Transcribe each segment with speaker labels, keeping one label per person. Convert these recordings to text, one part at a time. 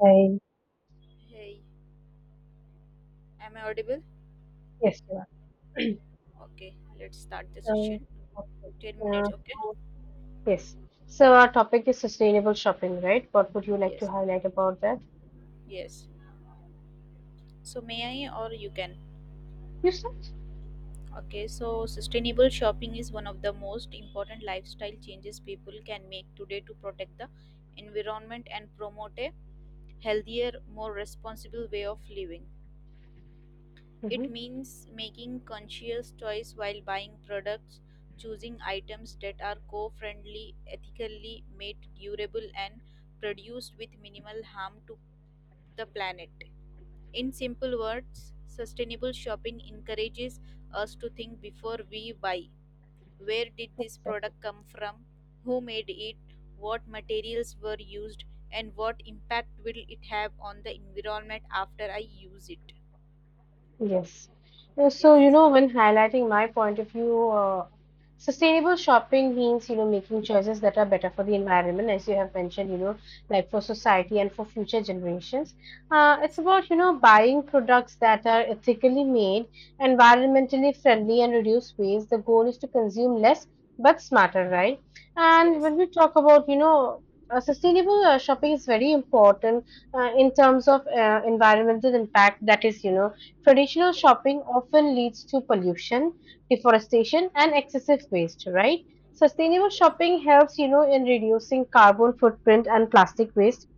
Speaker 1: Hi.
Speaker 2: Hey, am I audible?
Speaker 1: Yes, you are.
Speaker 2: Okay, let's start the
Speaker 1: So,
Speaker 2: session.
Speaker 1: okay.
Speaker 2: 10
Speaker 1: Uh,
Speaker 2: minutes, okay?
Speaker 1: so, yes. So, our topic is sustainable shopping, right? What would you like to
Speaker 2: Yes,
Speaker 1: highlight about that?
Speaker 2: yes. So, may I or you can?
Speaker 1: You said?
Speaker 2: Okay, so sustainable shopping is one of the most important lifestyle changes people can make today to protect the environment and promote a healthier, more responsible way of living.
Speaker 1: Mm-hmm.
Speaker 2: It means making conscious choice while buying products, choosing items that are co-friendly, ethically made, durable and produced with minimal harm to the planet. In simple words, sustainable shopping encourages us to think before we buy. Where did this
Speaker 1: Exactly.
Speaker 2: product come from? Who made it? What materials were used? And what impact will it have on the environment after I use it?
Speaker 1: Yes.
Speaker 2: Yes.
Speaker 1: When highlighting my point of view,
Speaker 2: Yeah.
Speaker 1: sustainable shopping means, making choices that are better for the environment, as you have mentioned, like for
Speaker 2: Yes.
Speaker 1: society and for future generations. It's
Speaker 2: Yes.
Speaker 1: about, buying products that are ethically made, environmentally friendly, and reduce waste. The goal is to consume less but smarter, right? And
Speaker 2: Yes.
Speaker 1: when we talk about, sustainable shopping is very important in terms of environmental impact. That is, traditional
Speaker 2: Yes.
Speaker 1: shopping often leads to pollution, deforestation, and excessive waste, right? Sustainable shopping helps, in reducing carbon footprint and plastic waste.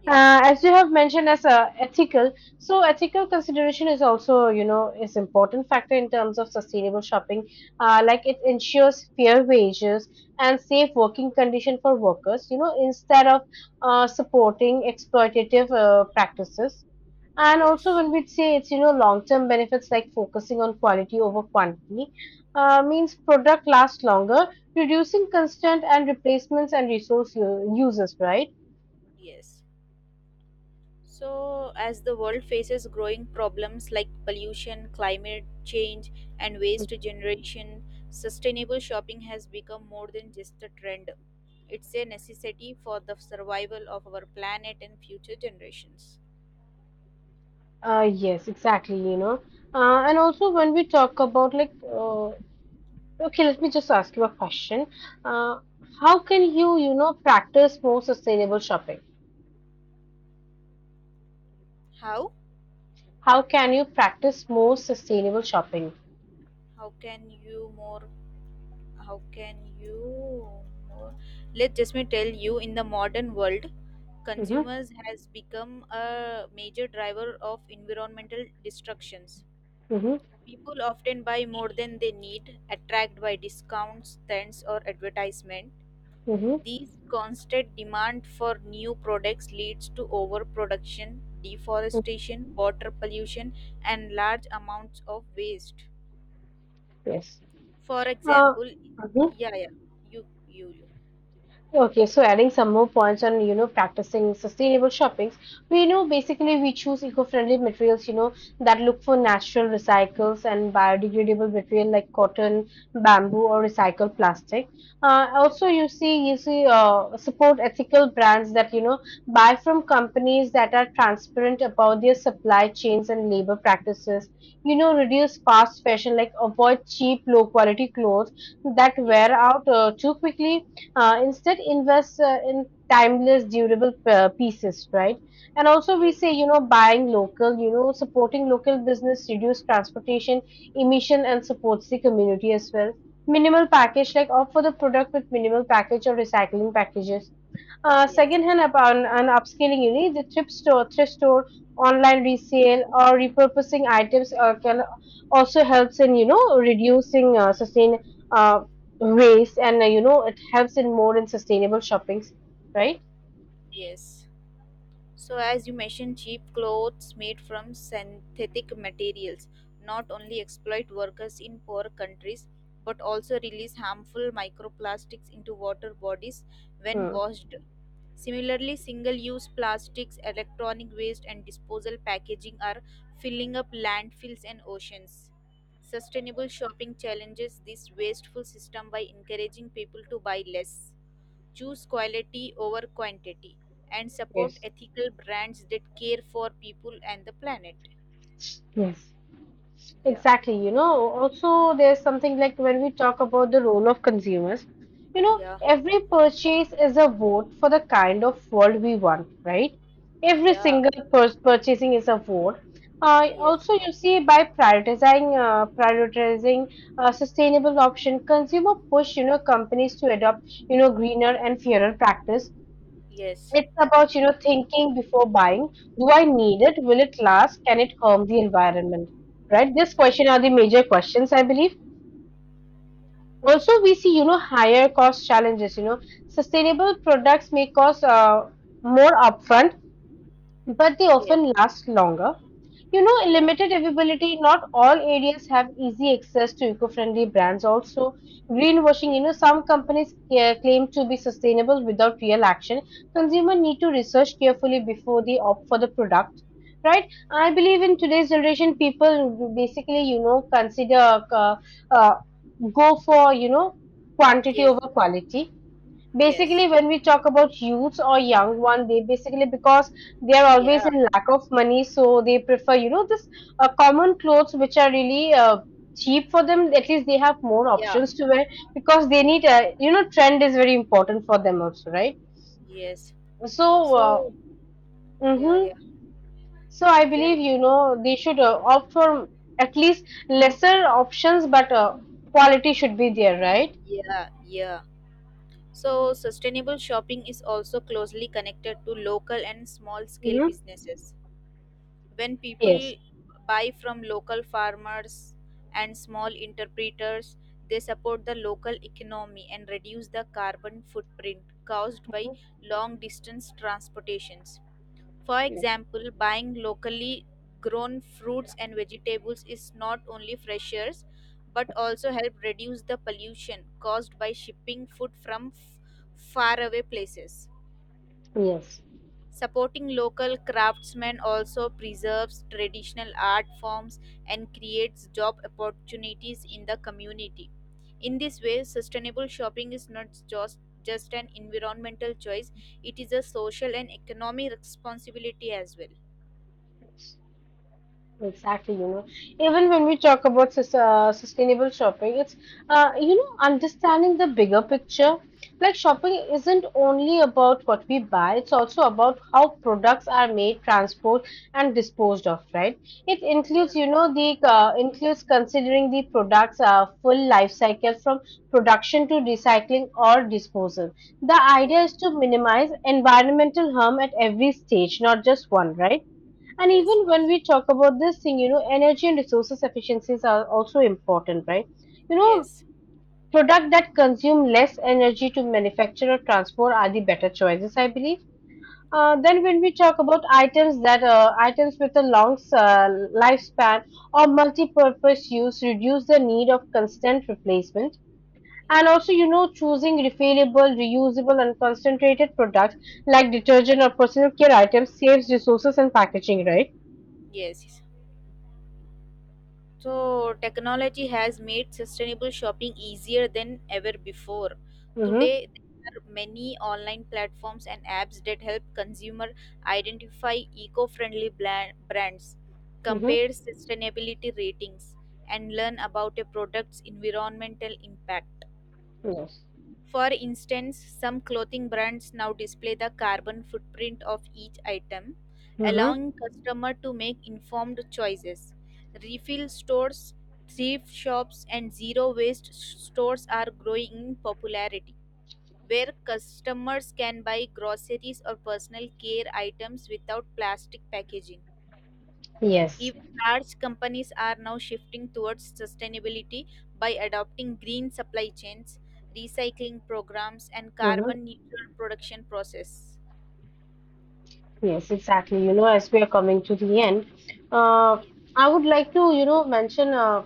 Speaker 2: Yes.
Speaker 1: As you have mentioned, as ethical, so ethical consideration is also, is important factor in terms of sustainable shopping. Like it ensures fair wages and safe working condition for workers. You know, instead of supporting exploitative practices, and also,
Speaker 2: Yes.
Speaker 1: when we say it's, long-term benefits like focusing on quality over quantity, means product lasts longer, reducing constant and replacements and resource uses, right?
Speaker 2: Yes. So, as the world faces growing problems like pollution, climate change, and waste generation, sustainable shopping has become more than just a trend. It's a necessity for the survival of our planet and future generations.
Speaker 1: Yes, exactly, you know. And also, when we talk about like, okay, let me just ask you a question. Uh, how can you, practice more sustainable shopping?
Speaker 2: How?
Speaker 1: How can you practice more sustainable shopping?
Speaker 2: How can you more? How can you more? Let just me tell you. In the modern world,
Speaker 1: Mm-hmm,
Speaker 2: consumers has become a major driver of environmental destructions.
Speaker 1: mm-hmm,
Speaker 2: People often buy more than they need, attracted by discounts, trends, or advertisement.
Speaker 1: mm-hmm, mm-hmm.
Speaker 2: These constant demand for new products leads to overproduction, deforestation, water pollution, and large amounts of waste.
Speaker 1: Yes.
Speaker 2: For
Speaker 1: Uh,
Speaker 2: example,
Speaker 1: mhm.
Speaker 2: yeah, yeah, you, you,
Speaker 1: Okay, so adding some more points on, practicing sustainable shoppings, we know basically we choose eco-friendly materials, you know, that look for natural recycles and biodegradable material like cotton, bamboo, or
Speaker 2: you,
Speaker 1: recycled plastic.
Speaker 2: yes,
Speaker 1: Also, support ethical brands that, you know, buy from companies that are transparent about their supply chains and labor practices. You know, reduce fast fashion, like avoid cheap, low-quality clothes that
Speaker 2: yes,
Speaker 1: wear out too quickly, instead invest in timeless durable pieces, right? And also we
Speaker 2: yes,
Speaker 1: say, you know, buying local, you know, supporting local business reduce transportation emission and supports the community as well. Minimal package, like offer the product with minimal package or recycling packages.
Speaker 2: yes,
Speaker 1: Second
Speaker 2: yes.
Speaker 1: hand upon an upscaling, you need the thrift store, online resale or repurposing items can also helps in, you know, reducing sustain uh, waste, and you know, it helps in more in sustainable shoppings, right?
Speaker 2: yes. So, as you mentioned, cheap clothes made from synthetic materials not only exploit workers in poor countries but also release harmful microplastics into water bodies when
Speaker 1: Hmm.
Speaker 2: washed. Similarly, single use plastics, electronic waste, and disposal packaging are filling up landfills and oceans. Sustainable shopping challenges this wasteful system by encouraging people to buy less, choose quality over quantity, and support
Speaker 1: Yes,
Speaker 2: ethical brands that care for people and the planet.
Speaker 1: yes,
Speaker 2: Yeah,
Speaker 1: exactly, you know. Also, there's something like when we talk about the role of consumers, you know,
Speaker 2: yeah,
Speaker 1: every purchase is a vote for the kind of world we want, right? Every
Speaker 2: yeah,
Speaker 1: single purchasing is a vote.
Speaker 2: yes,
Speaker 1: Also, you see, by prioritizing sustainable option, consumer push, you know, companies to adopt, you know, greener and fairer practice.
Speaker 2: yes,
Speaker 1: It's about, you know, thinking before buying. Do I need it? Will it last? Can it harm the environment? Right? This
Speaker 2: yeah,
Speaker 1: question are the major questions, I believe. Also, we see, you know, higher cost challenges. You know, sustainable products may cost more upfront, but they
Speaker 2: yes,
Speaker 1: often last longer. You know,
Speaker 2: yeah,
Speaker 1: limited availability, not all areas have easy access to eco friendly brands. Also, greenwashing,
Speaker 2: yeah,
Speaker 1: you know, some companies claim to be sustainable without real action. Consumer need to research carefully before they opt for the product. Right, I believe in today's generation, people basically, you know, consider uh, go for, you know, quantity
Speaker 2: yes,
Speaker 1: over quality,
Speaker 2: yes,
Speaker 1: basically when we talk about youths or young one. They basically, because they are always
Speaker 2: yeah,
Speaker 1: in lack of money, so they prefer, you know, this common clothes which are really cheap for them. At least they have more
Speaker 2: yeah,
Speaker 1: options to wear, because they
Speaker 2: yeah,
Speaker 1: need a, you know, trend is very important for them also, right?
Speaker 2: yes.
Speaker 1: so uh,
Speaker 2: So, yeah,
Speaker 1: mhm.
Speaker 2: yeah,
Speaker 1: So I
Speaker 2: yeah,
Speaker 1: believe, you know, they should opt for at least lesser options but quality should be there, right?
Speaker 2: yeah, yeah. So, sustainable shopping is also closely connected to local and small scale
Speaker 1: Hmm,
Speaker 2: businesses. When people
Speaker 1: yes.
Speaker 2: buy from local farmers and small interpreters, they support the local economy and reduce the carbon footprint caused by
Speaker 1: Mhm,
Speaker 2: long distance transportations. For
Speaker 1: yes.
Speaker 2: example, buying locally grown fruits and vegetables is not only fresher but also help reduce the pollution caused by shipping food from faraway places.
Speaker 1: Yes.
Speaker 2: Supporting local craftsmen also preserves traditional art forms and creates job opportunities in the community. In this way, sustainable shopping is not just an environmental choice, it is a social and economic responsibility as well.
Speaker 1: Exactly, you know, even when we talk about sustainable shopping, it's you know, understanding the bigger picture. Like shopping isn't only about what we buy, it's also about how products are made, transport, and disposed of, right? It
Speaker 2: Yeah,
Speaker 1: includes, you know, the includes considering the products full life cycle from production to recycling or disposal. The
Speaker 2: yeah,
Speaker 1: idea is to minimize environmental harm at every stage, not just one, right? And
Speaker 2: yes,
Speaker 1: even
Speaker 2: yes,
Speaker 1: when we talk about this thing, you know, energy and resources efficiencies are also important, right? You know,
Speaker 2: yes,
Speaker 1: product that consume less energy to manufacture or transport are the better choices, I believe. Then when we talk about items with a long lifespan or multi-purpose use reduce the need of constant replacement, and
Speaker 2: yeah,
Speaker 1: also, you know, choosing refillable reusable and concentrated products like detergent or personal care items saves resources and packaging, right?
Speaker 2: yes. So, technology has made sustainable shopping easier than ever before.
Speaker 1: Mm-hmm.
Speaker 2: Today, there are many online platforms and apps that help consumer identify eco-friendly brands,
Speaker 1: Mm-hmm.
Speaker 2: compare sustainability ratings, and learn about a product's environmental impact.
Speaker 1: Yes.
Speaker 2: For instance, some clothing brands now display the carbon footprint of each item,
Speaker 1: Mm-hmm.
Speaker 2: allowing customer to make informed choices. Refill stores, thrift shops and zero waste stores are growing in popularity, where customers can buy groceries or personal care items without plastic packaging.
Speaker 1: Yes.
Speaker 2: Even large companies are now shifting towards sustainability by adopting green supply chains, recycling programs, and
Speaker 1: Mm-hmm.
Speaker 2: carbon neutral production process.
Speaker 1: Yes, exactly. You know, as we are coming to the end, uh,
Speaker 2: Yes,
Speaker 1: I would like to, mention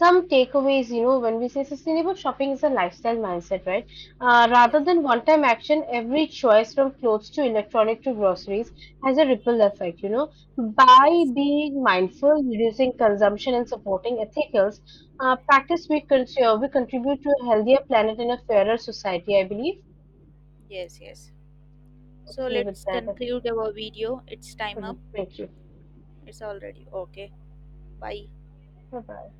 Speaker 1: some takeaways. You know, when we say sustainable shopping is a lifestyle mindset, right?
Speaker 2: yes,
Speaker 1: Rather than one time action, every choice from clothes to electronic to groceries has a ripple effect, you know. By
Speaker 2: yes,
Speaker 1: being mindful, reducing consumption, and supporting ethicals, practice we contribute to a healthier planet and a fairer society, I believe.
Speaker 2: yes. So
Speaker 1: Okay, with
Speaker 2: let's
Speaker 1: that,
Speaker 2: conclude our video. It's time up.
Speaker 1: thank you.
Speaker 2: It's already okay. Bye.
Speaker 1: Bye bye.